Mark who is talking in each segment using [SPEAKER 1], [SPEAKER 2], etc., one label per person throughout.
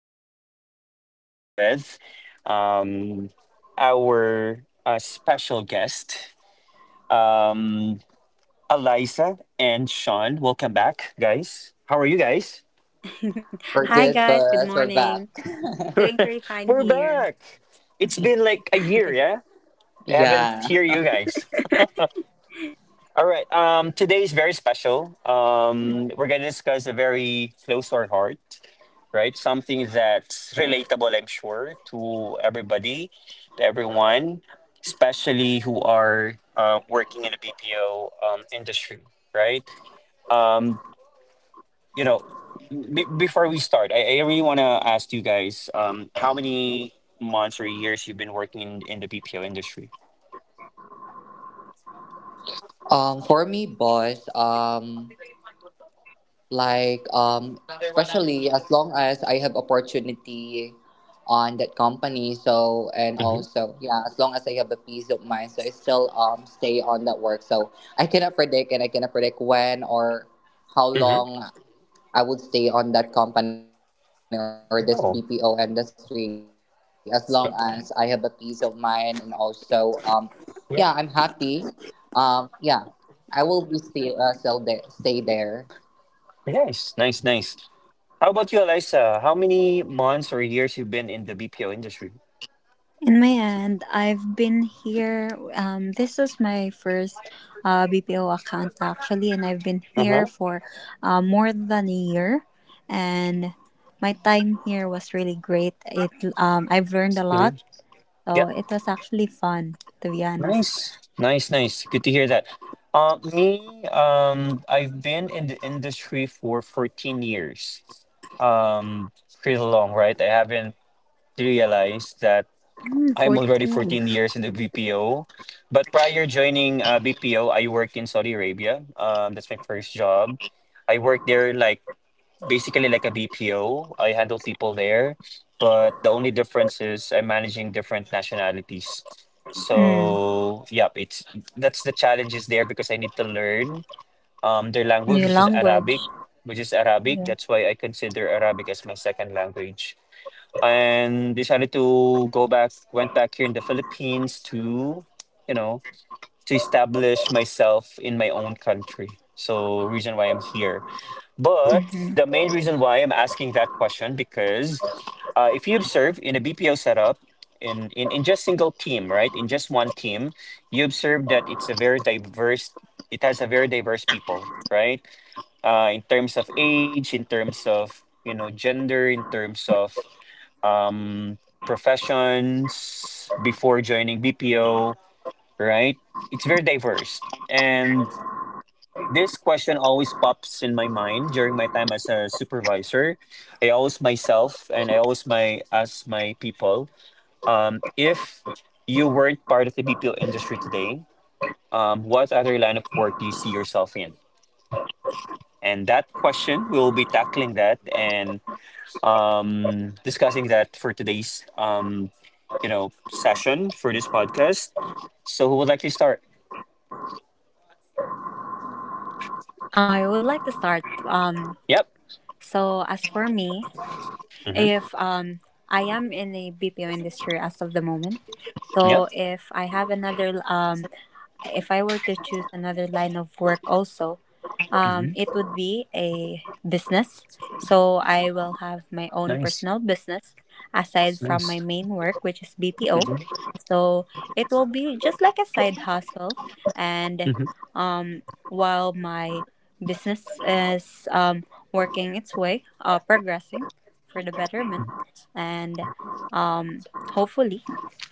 [SPEAKER 1] Today, I'll be with um, our special guest, um, Eliza and Sean. Welcome back, guys. How are you guys?
[SPEAKER 2] We're
[SPEAKER 3] Hi
[SPEAKER 2] good,
[SPEAKER 3] guys, good
[SPEAKER 2] boss. We're
[SPEAKER 3] morning.
[SPEAKER 2] back.
[SPEAKER 3] Doing pretty fine
[SPEAKER 1] We're
[SPEAKER 3] here.
[SPEAKER 1] back. It's been like a year, yeah? I haven't
[SPEAKER 2] yeah.
[SPEAKER 1] hear you guys. All right. Today is very special. We're going to discuss a very close to our heart, right? Something that's relatable, I'm sure, to everybody, to everyone, especially who are working in the BPO industry, right? Um, you know, Before we start, I really want to ask you guys how many months or years you've been working in the BPO industry?
[SPEAKER 2] For me, boss, especially as long as I have opportunity on that company. So and
[SPEAKER 1] Mm-hmm.
[SPEAKER 2] also yeah, as long as I have a peace of mind, so I still stay on that work. So I cannot predict when or how
[SPEAKER 1] Mm-hmm.
[SPEAKER 2] long I would stay on that company or this BPO industry
[SPEAKER 1] Oh,
[SPEAKER 2] as long as I have a peace of mind, and
[SPEAKER 1] yeah,
[SPEAKER 2] also yeah, I'm happy,
[SPEAKER 1] yeah.
[SPEAKER 2] yeah, I will be stay still there, stay there.
[SPEAKER 1] Nice, nice, nice. How about you, Eliza? How many months or years you've been in the BPO industry?
[SPEAKER 3] In my end, I've been here. This is my first BPO account actually, and I've been
[SPEAKER 1] Uh
[SPEAKER 3] here
[SPEAKER 1] huh.
[SPEAKER 3] for more than a year. And my time here was really great. It I've learned a lot,
[SPEAKER 1] Hmm.
[SPEAKER 3] so
[SPEAKER 1] Yep.
[SPEAKER 3] it was actually fun to be honest.
[SPEAKER 1] Nice, nice, nice. Good to hear that. Me, I've been in the industry for 14 years. Um, pretty long, right? I haven't realized that
[SPEAKER 3] Mm,
[SPEAKER 1] I'm already
[SPEAKER 3] 14.
[SPEAKER 1] 14 years in the BPO. But prior joining BPO, I worked in Saudi Arabia. That's my first job. I worked there like basically like a BPO. I handle people there, but the only difference is I'm managing different nationalities.
[SPEAKER 3] Mm,
[SPEAKER 1] So yeah, it's that's the challenges there because I need to learn their language,
[SPEAKER 3] new
[SPEAKER 1] which is Arabic,
[SPEAKER 3] language.
[SPEAKER 1] which is Arabic.
[SPEAKER 3] Yeah.
[SPEAKER 1] That's why I consider Arabic as my second language. And decided to go back, went back here in the Philippines to, you know, to establish myself in my own country. So reason why I'm here. But the
[SPEAKER 3] Mm-hmm.
[SPEAKER 1] main reason why I'm asking that question because if you observe in a BPO setup, in just single team, right, in just one team, you observe that it's a very diverse. It has a very diverse people, right? In terms of age, in terms of you know gender, in terms of um, professions before joining BPO, right? It's very diverse, and this question always pops in my mind during my time as a supervisor. I always myself and I always my ask my people, if you weren't part of the BPO industry today, what other line of work do you see yourself in? And that question, we'll be tackling that and discussing that for today's session for this podcast. So who would like to start?
[SPEAKER 3] I would like to start.
[SPEAKER 1] Yep.
[SPEAKER 3] So as for me,
[SPEAKER 1] Mm-hmm.
[SPEAKER 3] if I am in a BPO industry as of the moment, so
[SPEAKER 1] Yep.
[SPEAKER 3] if I were to choose another line of work also,
[SPEAKER 1] Hmm.
[SPEAKER 3] it would be a business. So I will have my own
[SPEAKER 1] Nice.
[SPEAKER 3] personal business aside from my
[SPEAKER 1] Nice.
[SPEAKER 3] main work, which is BPO.
[SPEAKER 1] Hmm.
[SPEAKER 3] So it will be just like a side hustle. And
[SPEAKER 1] Hmm.
[SPEAKER 3] um, while my business is working its way, progressing for the betterment, and um, hopefully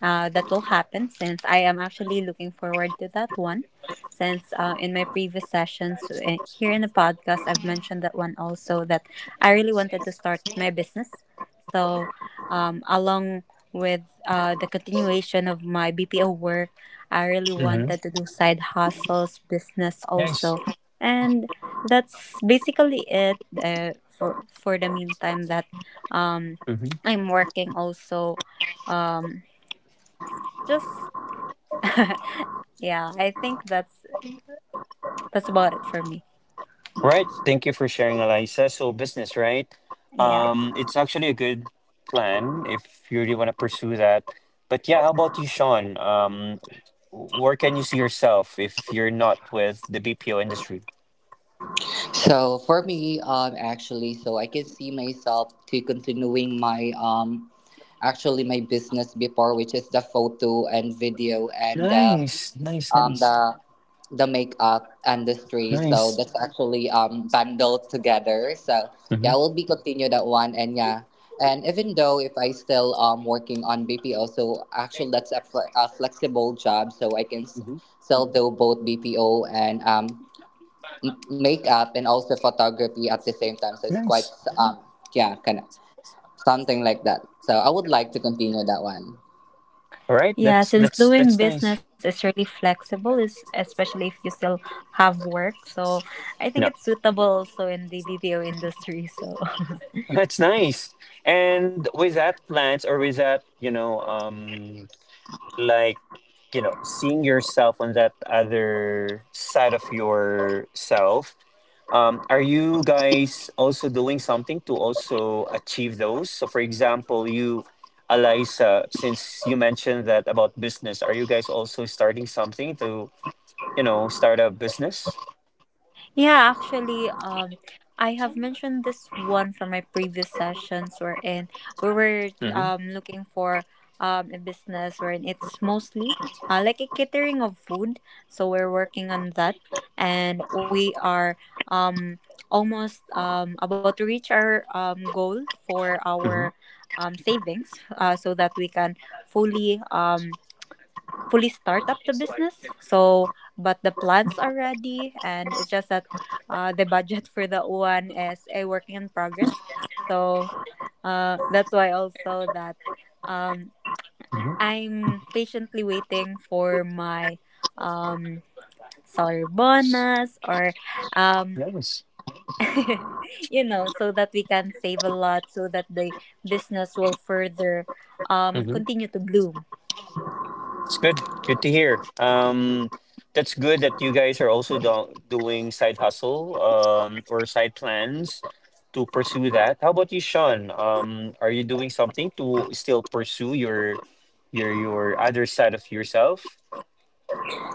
[SPEAKER 3] that will happen since I am actually looking forward to that one. Since in my previous sessions here in the podcast, I've mentioned that one also, that I really wanted to start my business. So, along with the continuation of my BPO work, I really
[SPEAKER 1] Hmm.
[SPEAKER 3] wanted to do side hustles, business
[SPEAKER 1] Nice.
[SPEAKER 3] also. And that's basically it for the meantime that um,
[SPEAKER 1] Hmm.
[SPEAKER 3] I'm working also. Um, just yeah, I think that's about it for me.
[SPEAKER 1] Right. Thank you for sharing, Eliza. So business, right?
[SPEAKER 3] Yeah.
[SPEAKER 1] It's actually a good plan if you really want to pursue that. But yeah, how about you, Sean? Where can you see yourself if you're not with the BPO industry?
[SPEAKER 2] So for me, actually, so I can see myself to continuing my actually my business before, which is the photo and video, and
[SPEAKER 1] Nice, nice,
[SPEAKER 2] um
[SPEAKER 1] nice,
[SPEAKER 2] the the makeup industry. So
[SPEAKER 1] nice.
[SPEAKER 2] that's actually bundled together. So yeah,
[SPEAKER 1] Hmm.
[SPEAKER 2] we'll be continue that one, and yeah. And even though if I still working on BPO, so actually that's a flexible job, so I can still do both BPO and makeup and also photography at the same time. So it's quite
[SPEAKER 1] Nice.
[SPEAKER 2] yeah, kind of something like that. So I would like to continue that one.
[SPEAKER 1] All right.
[SPEAKER 3] Yeah,
[SPEAKER 1] That's
[SPEAKER 3] since
[SPEAKER 1] that's
[SPEAKER 3] doing
[SPEAKER 1] that's nice.
[SPEAKER 3] business is really flexible, is especially if you still have work. So I think
[SPEAKER 1] No,
[SPEAKER 3] it's suitable also in the BPO industry. So
[SPEAKER 1] that's nice. And with that plans or with that, you know, like, you know, seeing yourself on that other side of yourself. Are you guys also doing something to also achieve those? So, for example, you, Eliza, since you mentioned that about business, are you guys also starting something to, you know, start a business?
[SPEAKER 3] yeah, actually, I have mentioned this one from my previous sessions wherein we were
[SPEAKER 1] Mm-hmm.
[SPEAKER 3] looking for a business wherein it's mostly like a catering of food. So we're working on that, and we are um almost about to reach our goal for
[SPEAKER 1] Mm-hmm.
[SPEAKER 3] our savings so that we can fully um fully start up the business. So, but the plans are ready, and it's just that the budget for that one is a working in progress. So that's why also that um, I'm patiently waiting for my um, salary bonus or um, you know, so that we can save a lot so that the business will further
[SPEAKER 1] Mm-hmm.
[SPEAKER 3] continue to bloom.
[SPEAKER 1] It's good. Good to hear. That's good that you guys are also do doing side hustle or side plans to pursue that. How about you, Sean? Are you doing something to still pursue your other side of yourself?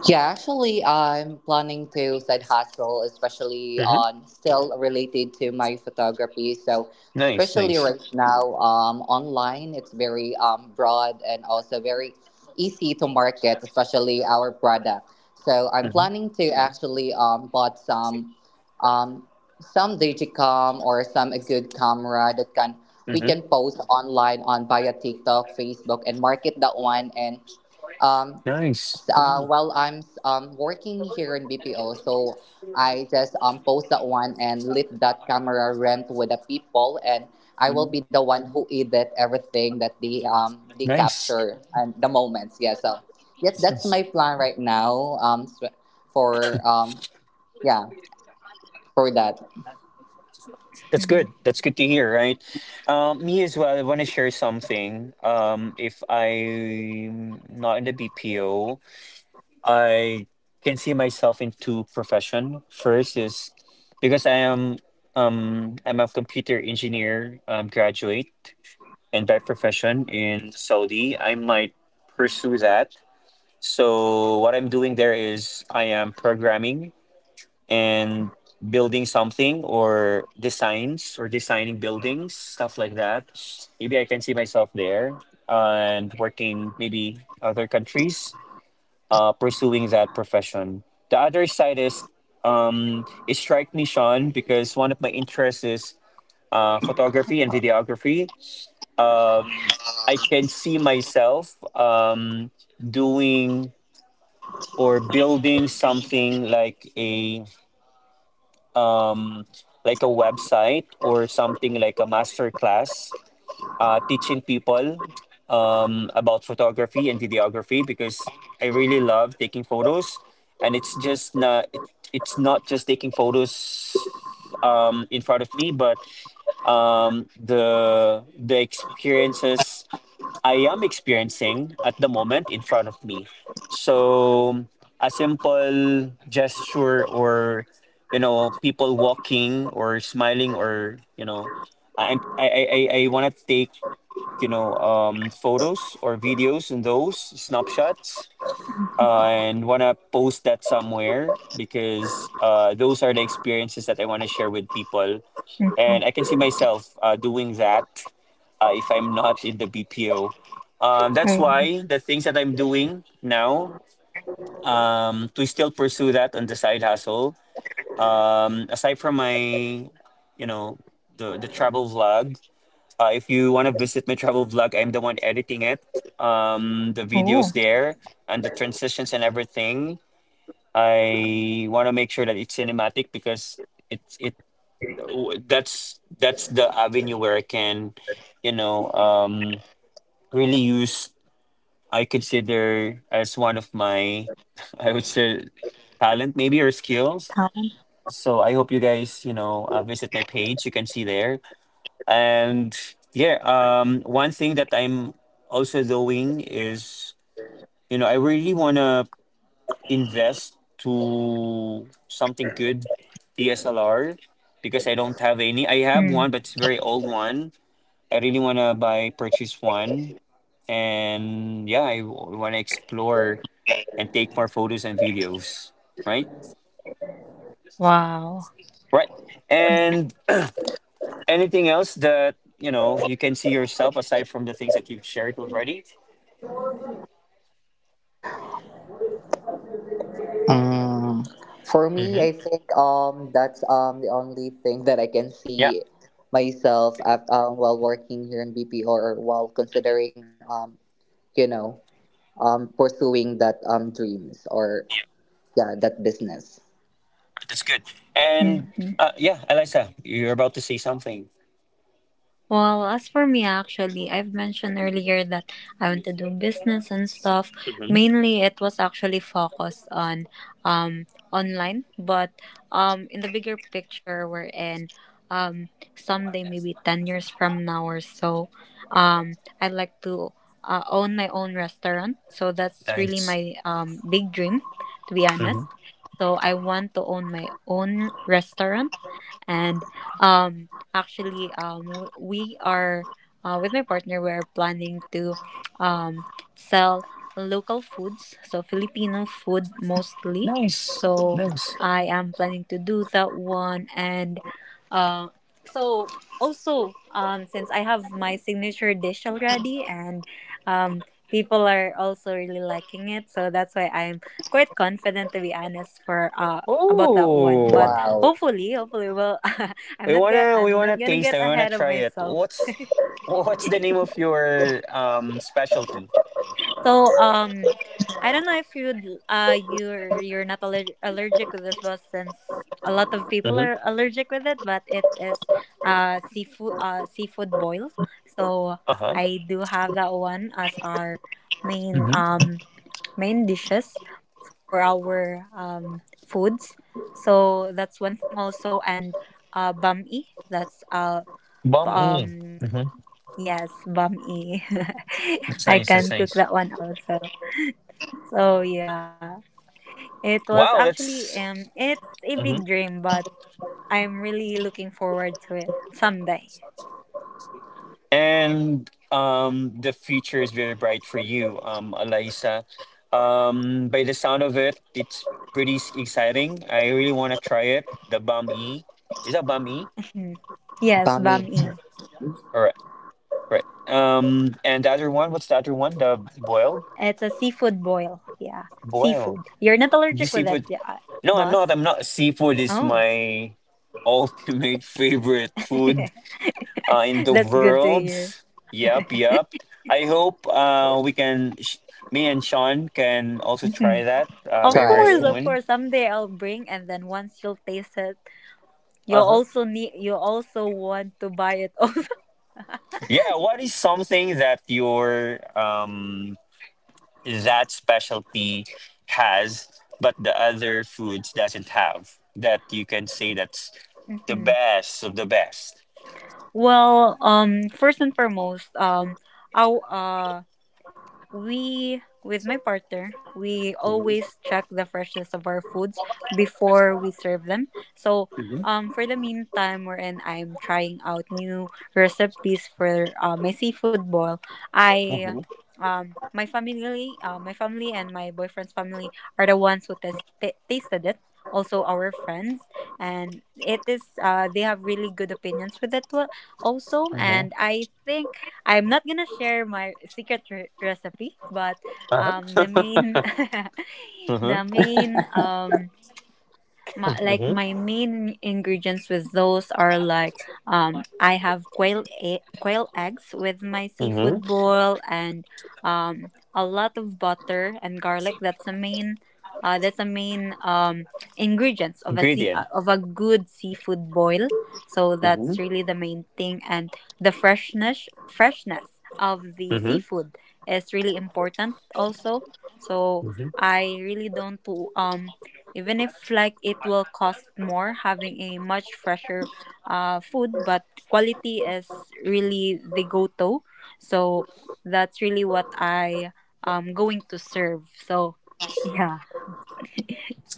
[SPEAKER 2] Yeah, actually, I'm planning to side hustle, especially
[SPEAKER 1] Mm-hmm.
[SPEAKER 2] on still related to my photography. So
[SPEAKER 1] Nice,
[SPEAKER 2] especially
[SPEAKER 1] nice.
[SPEAKER 2] right now, online, it's very broad and also very easy to market, especially our product. So I'm
[SPEAKER 1] Mm-hmm.
[SPEAKER 2] planning to actually bought um, some digicam or some a good camera that can we
[SPEAKER 1] Mm-hmm.
[SPEAKER 2] can post online on via TikTok, Facebook, and market that one, and um,
[SPEAKER 1] Nice,
[SPEAKER 2] wow. Well, I'm working here in BPO, so I just post that one and lit that camera rent with the people, and I
[SPEAKER 1] mm-hmm,
[SPEAKER 2] will be the one who edit everything that they
[SPEAKER 1] nice.
[SPEAKER 2] capture and the moments. Yeah, so yeah,
[SPEAKER 1] Nice,
[SPEAKER 2] that's
[SPEAKER 1] nice.
[SPEAKER 2] my plan right now. For um yeah for that.
[SPEAKER 1] That's
[SPEAKER 3] Mhm.
[SPEAKER 1] good. That's good to hear, right? Me as well. I want to share something. If I'm not in the BPO, I can see myself in two profession. First is because I am I'm a computer engineer graduate and by profession in Saudi, I might pursue that. So what I'm doing there is I am programming and building something or designs or designing buildings, stuff like that. Maybe I can see myself there and working maybe other countries, pursuing that profession. The other side is it strikes me, Sean, because one of my interests is photography and videography. Um, I can see myself doing or building something um, like a website or something like a master class teaching people about photography and videography because I really love taking photos and it's not just taking photos in front of me but the experiences I am experiencing at the moment in front of me. So a simple gesture or you know people walking or smiling or you know I wanna take you know photos or videos and those snapshots
[SPEAKER 3] Mhm.
[SPEAKER 1] and wanna post that somewhere because those are the experiences that I wanna share with people and I can
[SPEAKER 3] Mhm.
[SPEAKER 1] see myself doing that if I'm not in the BPO. That's
[SPEAKER 3] Right.
[SPEAKER 1] why the things that I'm doing now to still pursue that on the side hustle. Aside from my, you know, the travel vlog. If you want to visit my travel vlog, I'm the one editing it. The
[SPEAKER 3] Oh.
[SPEAKER 1] videos there and the transitions and everything. I want to make sure that it's cinematic because it's it that's the avenue where I can, you know, really use I consider as one of my, I would say, talent maybe or skills.
[SPEAKER 3] Tao.
[SPEAKER 1] So I hope you guys, you know, visit my page. You can see there. And yeah, one thing that I'm also doing is, you know, I really want to invest to something good, DSLR, because I don't have any. I have
[SPEAKER 3] Mm.
[SPEAKER 1] one, but it's a very old one. I really want to buy, purchase one. And yeah, I want to explore and take more photos and videos, right?
[SPEAKER 3] Wow.
[SPEAKER 1] Right. And anything else that you know you can see yourself aside from the things that you've shared already?
[SPEAKER 2] Mm, for me,
[SPEAKER 1] Mm-hmm.
[SPEAKER 2] I think that's the only thing that I can
[SPEAKER 1] Yeah.
[SPEAKER 2] see myself at, while working here in BPO or while considering you know pursuing that dreams or
[SPEAKER 1] Yeah.
[SPEAKER 2] yeah that business.
[SPEAKER 1] That's good. And
[SPEAKER 3] Mm-hmm.
[SPEAKER 1] yeah, Eliza, you're about to say something.
[SPEAKER 3] Well, as for me, actually, I've mentioned earlier that I want to do business and stuff.
[SPEAKER 1] Mm-hmm.
[SPEAKER 3] Mainly, it was actually focused on online, but in the bigger picture we're in, um, someday maybe 10 years from now or so, um I'd like to own my own restaurant. So that's really
[SPEAKER 1] Thanks.
[SPEAKER 3] my big dream, to be
[SPEAKER 1] Hmm.
[SPEAKER 3] honest. So I want to own my own restaurant and um we are, with my partner, we're planning to um sell local foods, so Filipino food mostly.
[SPEAKER 1] Nice.
[SPEAKER 3] So
[SPEAKER 1] Nice.
[SPEAKER 3] I am planning to do that one. And uh so also, since I have my signature dish already, and um people are also really liking it, so that's why I'm quite confident, to be honest, for about that one.
[SPEAKER 1] Oh,
[SPEAKER 3] but
[SPEAKER 2] Wow,
[SPEAKER 3] hopefully hopefully well, i'm not gonna
[SPEAKER 1] we
[SPEAKER 3] i'm not
[SPEAKER 1] wanna
[SPEAKER 3] gonna
[SPEAKER 1] taste
[SPEAKER 3] get
[SPEAKER 1] it. We wanna
[SPEAKER 3] ahead of
[SPEAKER 1] try it.
[SPEAKER 3] myself.
[SPEAKER 1] What's the name of your specialty?
[SPEAKER 3] So I don't know if you're you're not allergic with this, but since a lot of people
[SPEAKER 1] Mm-hmm.
[SPEAKER 3] are allergic with it. But it is, uh, seafood boils. So
[SPEAKER 1] Uh huh.
[SPEAKER 3] I do have that one as our main
[SPEAKER 1] Mm-hmm.
[SPEAKER 3] um main dishes for our foods. So that's one thing also. And bami, that's
[SPEAKER 1] Banh mi.
[SPEAKER 3] um yes, bum E.
[SPEAKER 1] That's
[SPEAKER 3] I
[SPEAKER 1] nice.
[SPEAKER 3] can
[SPEAKER 1] That's
[SPEAKER 3] cook
[SPEAKER 1] nice.
[SPEAKER 3] that one also. So yeah, it was
[SPEAKER 1] Wow,
[SPEAKER 3] actually
[SPEAKER 1] that's
[SPEAKER 3] it's a big
[SPEAKER 1] hmm
[SPEAKER 3] dream, but I'm really looking forward to it someday.
[SPEAKER 1] and the future is very bright for you, Alaisa. By the sound of it, it's pretty s- exciting. I really want to try it. The Bum E, is that Bum E?
[SPEAKER 3] Mhm. Yes,
[SPEAKER 2] Bami,
[SPEAKER 3] bam E.
[SPEAKER 1] All right, right. And the other one, what's the other one? The boil,
[SPEAKER 3] It's a seafood boil. Yeah,
[SPEAKER 1] boil.
[SPEAKER 3] seafood. You're not
[SPEAKER 1] The
[SPEAKER 3] allergic with it,
[SPEAKER 1] seafood.
[SPEAKER 3] yeah,
[SPEAKER 1] No, I'm not.
[SPEAKER 3] boss?
[SPEAKER 1] I'm not. Seafood is
[SPEAKER 3] Oh,
[SPEAKER 1] my ultimate favorite food. In the
[SPEAKER 3] that's good to
[SPEAKER 1] world.
[SPEAKER 3] hear.
[SPEAKER 1] Yep, yep. I hope we can, sh- me and Sean can also
[SPEAKER 3] Mhm.
[SPEAKER 1] try that
[SPEAKER 3] Of
[SPEAKER 1] very, very
[SPEAKER 3] course, of
[SPEAKER 2] try.
[SPEAKER 1] soon.
[SPEAKER 3] course. Someday I'll bring, and then once you'll taste it,
[SPEAKER 1] Uh
[SPEAKER 3] you'll
[SPEAKER 1] huh.
[SPEAKER 3] also need. You also want to buy it also.
[SPEAKER 1] Yeah. What is something that your that specialty has, but the other foods doesn't have that you can say that's the
[SPEAKER 3] Mhm.
[SPEAKER 1] best of the best?
[SPEAKER 3] Well, first and foremost, I w- uh, we, with my partner, we always check the freshness of our foods before we serve them. So
[SPEAKER 1] Mm-hmm.
[SPEAKER 3] for the meantime wherein I'm trying out new recipes for my seafood boil, I
[SPEAKER 1] Mm-hmm.
[SPEAKER 3] my family and my boyfriend's family are the ones who tasted it, also our friends. And it is, they have really good opinions with it also.
[SPEAKER 1] Mm-hmm.
[SPEAKER 3] And I think I'm not gonna share my secret recipe, but the
[SPEAKER 1] Uh-huh.
[SPEAKER 3] main,
[SPEAKER 1] Mm-hmm.
[SPEAKER 3] the main, my, like
[SPEAKER 1] Mm-hmm.
[SPEAKER 3] my main ingredients with those are like, I have quail eggs with my
[SPEAKER 1] Mm-hmm.
[SPEAKER 3] seafood boil, and a lot of butter and garlic. That's the main, that's the main ingredients of a sea
[SPEAKER 1] Ingredient.
[SPEAKER 3] of a good seafood boil. So
[SPEAKER 1] Mm-hmm.
[SPEAKER 3] that's really the main thing. And the freshness of the
[SPEAKER 1] Mm-hmm.
[SPEAKER 3] seafood is really important also. So I really don't um even if like it will cost more having a much fresher food, but quality is really the go-to. So that's really what I am going to serve. So yeah.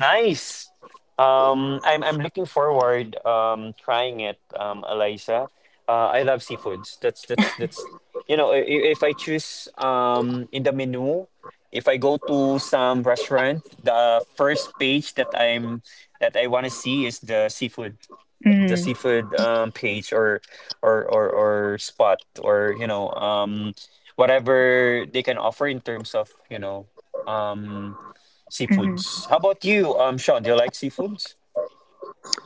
[SPEAKER 1] Nice. I'm looking forward trying it, Eliza. I love seafoods. That's you know, if I choose in the menu, if I go to some restaurant, the first page that I want to see is the
[SPEAKER 3] Mm-hmm.
[SPEAKER 1] seafood page or or spot or you know whatever they can offer in terms of you know. Um seafoods. How about you, Sean? Do you like seafoods?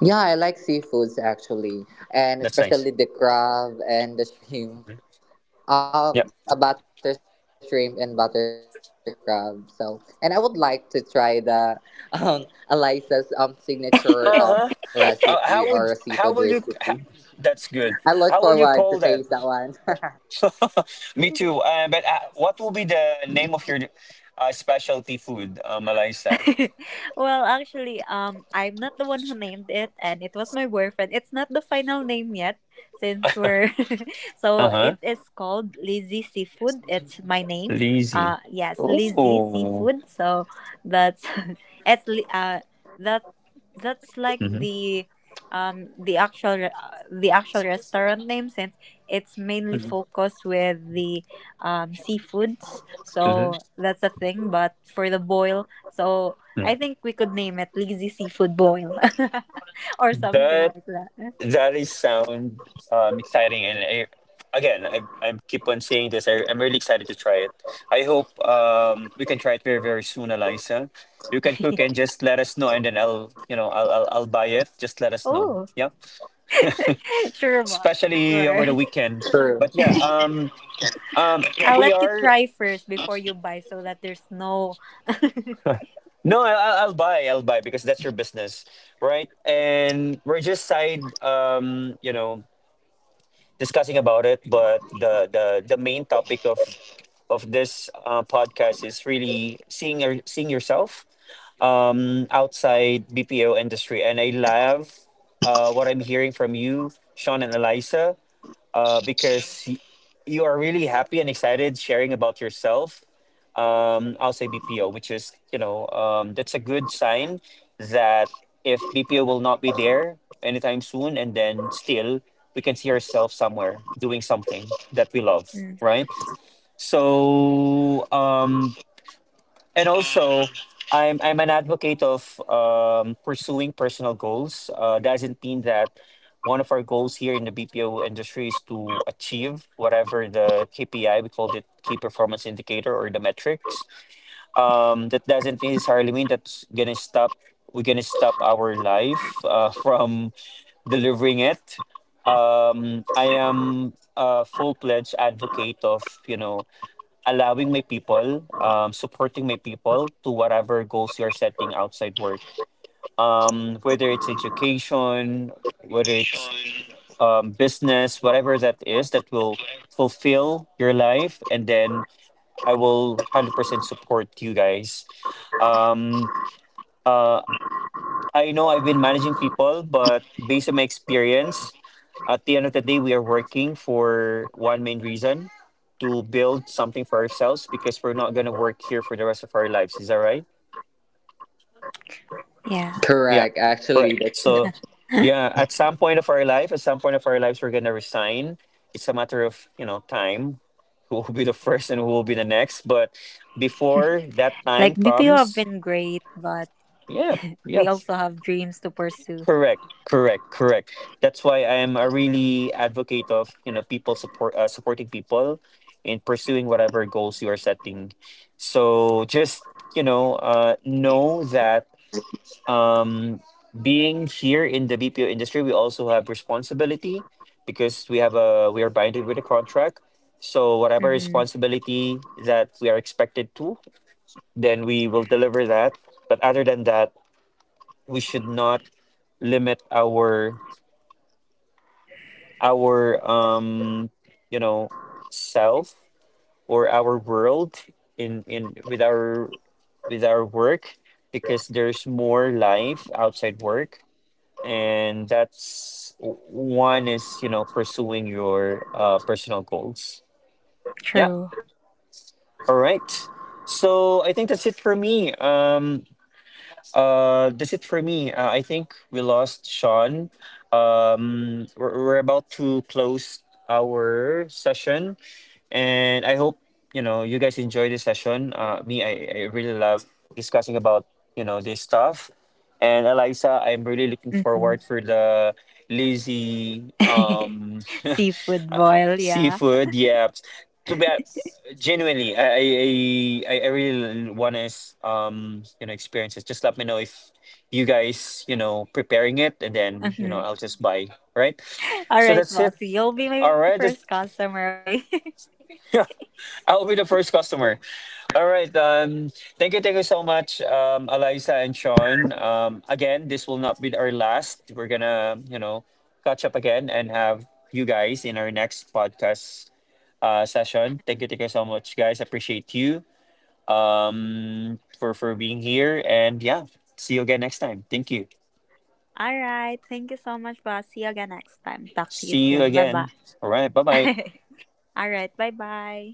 [SPEAKER 2] Yeah, I like seafoods actually, and
[SPEAKER 1] That's nice.
[SPEAKER 2] especially the crab and the shrimp, a butter
[SPEAKER 1] Yep.
[SPEAKER 2] shrimp and butter crab. So and I would like to try the Eliza's signature recipe or a
[SPEAKER 3] Mm-hmm.
[SPEAKER 2] seafood
[SPEAKER 1] Uh-huh.
[SPEAKER 2] recipe.
[SPEAKER 1] How would how will
[SPEAKER 2] I
[SPEAKER 1] you?
[SPEAKER 2] look
[SPEAKER 1] Ha
[SPEAKER 2] forward to
[SPEAKER 1] that's
[SPEAKER 2] taste
[SPEAKER 1] good.
[SPEAKER 2] that one.
[SPEAKER 1] How will you call that? Me too. But what will be the name of your specialty food, Malaysia?
[SPEAKER 3] well, actually, I'm not the one who named it, and it was my boyfriend. It's not the final name yet, since we're
[SPEAKER 1] Uh
[SPEAKER 3] so it
[SPEAKER 1] huh.
[SPEAKER 3] is called Lizzie Seafood. It's my name.
[SPEAKER 1] Lazy.
[SPEAKER 3] Yes, Lizzie
[SPEAKER 1] Oh.
[SPEAKER 3] Seafood. So that's it's li- that that's like
[SPEAKER 1] Mm-hmm.
[SPEAKER 3] the actual the actual restaurant name, since it's mainly
[SPEAKER 1] Mm-hmm.
[SPEAKER 3] focused with the seafoods.
[SPEAKER 1] Mm-hmm.
[SPEAKER 3] So that's a thing. But for the boil, so
[SPEAKER 1] Yeah.
[SPEAKER 3] I think we could name it Lazy Seafood Boil, or something
[SPEAKER 1] That
[SPEAKER 3] like that.
[SPEAKER 1] that is sound exciting, and I, again, I keep on saying this. I'm really excited to try it. I hope we can try it very very soon, Eliza. You can cook and just let us know, and then I'll you know I'll buy it. Just let us know.
[SPEAKER 3] Oh,
[SPEAKER 1] Yeah,
[SPEAKER 3] sure, boss.
[SPEAKER 1] especially over
[SPEAKER 3] Sure.
[SPEAKER 1] the weekend.
[SPEAKER 2] True.
[SPEAKER 1] But yeah,
[SPEAKER 3] I'll
[SPEAKER 1] we
[SPEAKER 3] let you
[SPEAKER 1] are.
[SPEAKER 3] try first before you buy so that there's no.
[SPEAKER 1] No, I'll buy. I'll buy because that's your business, right? And we're just side, you know, discussing about it. But the main topic of this podcast is really seeing seeing yourself outside BPO industry, and I love what I'm hearing from you, Sean and Eliza, uh, because y- you are really happy and excited sharing about yourself outside BPO, which is you know that's a good sign that if BPO will not be there anytime soon, and then still we can see ourselves somewhere doing something that we love,
[SPEAKER 3] Mm,
[SPEAKER 1] right? So, and also, I'm an advocate of pursuing personal goals. Doesn't mean that one of our goals here in the BPO industry is to achieve whatever the KPI we called it key performance indicator or the metrics. That doesn't necessarily mean that's gonna stop. We're gonna stop our life from delivering it. I am a full fledged advocate of you know allowing my people, supporting my people to whatever goals you're setting outside work. Whether it's education, whether it's business, whatever that is, that will fulfill your life. And then I will 100% support you guys. Um, uh, I know I've been managing people, but based on my experience, at the end of the day, we are working for one main reason to build something for ourselves because we're not going to work here for the rest of our lives. Is that right?
[SPEAKER 3] yeah.
[SPEAKER 2] Correct.
[SPEAKER 1] Yeah.
[SPEAKER 2] Actually, that's
[SPEAKER 1] Right. So, yeah, at some point of our life, at some point of our lives, we're going to resign. It's a matter of, you know, time who will be the first and who will be the next. But before that
[SPEAKER 3] Like
[SPEAKER 1] time
[SPEAKER 3] BPO have
[SPEAKER 1] comes,
[SPEAKER 3] been great, but
[SPEAKER 1] yeah, yeah.
[SPEAKER 3] we also have dreams to pursue.
[SPEAKER 1] Correct, correct, correct. That's why I am a really advocate of you know people support supporting people in pursuing whatever goals you are setting. So just you know that um, being here in the BPO industry, we also have responsibility because we have a we are binded with a contract. So whatever
[SPEAKER 3] Mm-hmm.
[SPEAKER 1] responsibility that we are expected to, then we will deliver that. But other than that, we should not limit our our um you
[SPEAKER 2] correct.
[SPEAKER 1] know self or our world in with our work because there's more life outside work and that's w- one is you know pursuing your personal goals. Yeah.
[SPEAKER 3] True.
[SPEAKER 1] All right, so I think that's it for me. That's it for me. Uh, I think we lost Sean. Um, we're about to close our session and I hope you know you guys enjoy this session. Me, I really love discussing about you know this stuff, and Eliza, I'm really looking
[SPEAKER 3] Mm-hmm.
[SPEAKER 1] forward for the lazy
[SPEAKER 3] Seafood boil, yeah.
[SPEAKER 1] seafood. Yeah, to be genuinely, I really want to you know experience it. Just let me know if you guys you know preparing it, and then you know
[SPEAKER 3] Mhm.
[SPEAKER 1] I'll just buy. Right,
[SPEAKER 3] All
[SPEAKER 1] so
[SPEAKER 3] right,
[SPEAKER 1] that's
[SPEAKER 3] boss.
[SPEAKER 1] it.
[SPEAKER 3] You'll be my
[SPEAKER 1] All right,
[SPEAKER 3] first
[SPEAKER 1] that's-
[SPEAKER 3] customer, okay?
[SPEAKER 1] I'll be the first customer. All right. Thank you so much, Eliza and Sean. Again, this will not be our last. We're gonna, you know, catch up again and have you guys in our next podcast session. Thank you so much, guys. Appreciate you for being here, and yeah, see you again next time. Thank you.
[SPEAKER 3] All right. Thank you so much, boss. See you again next time. Talk to you
[SPEAKER 1] See
[SPEAKER 3] soon. Bye
[SPEAKER 1] you
[SPEAKER 3] bye.
[SPEAKER 1] again. All right. Bye bye.
[SPEAKER 3] All right. Bye bye.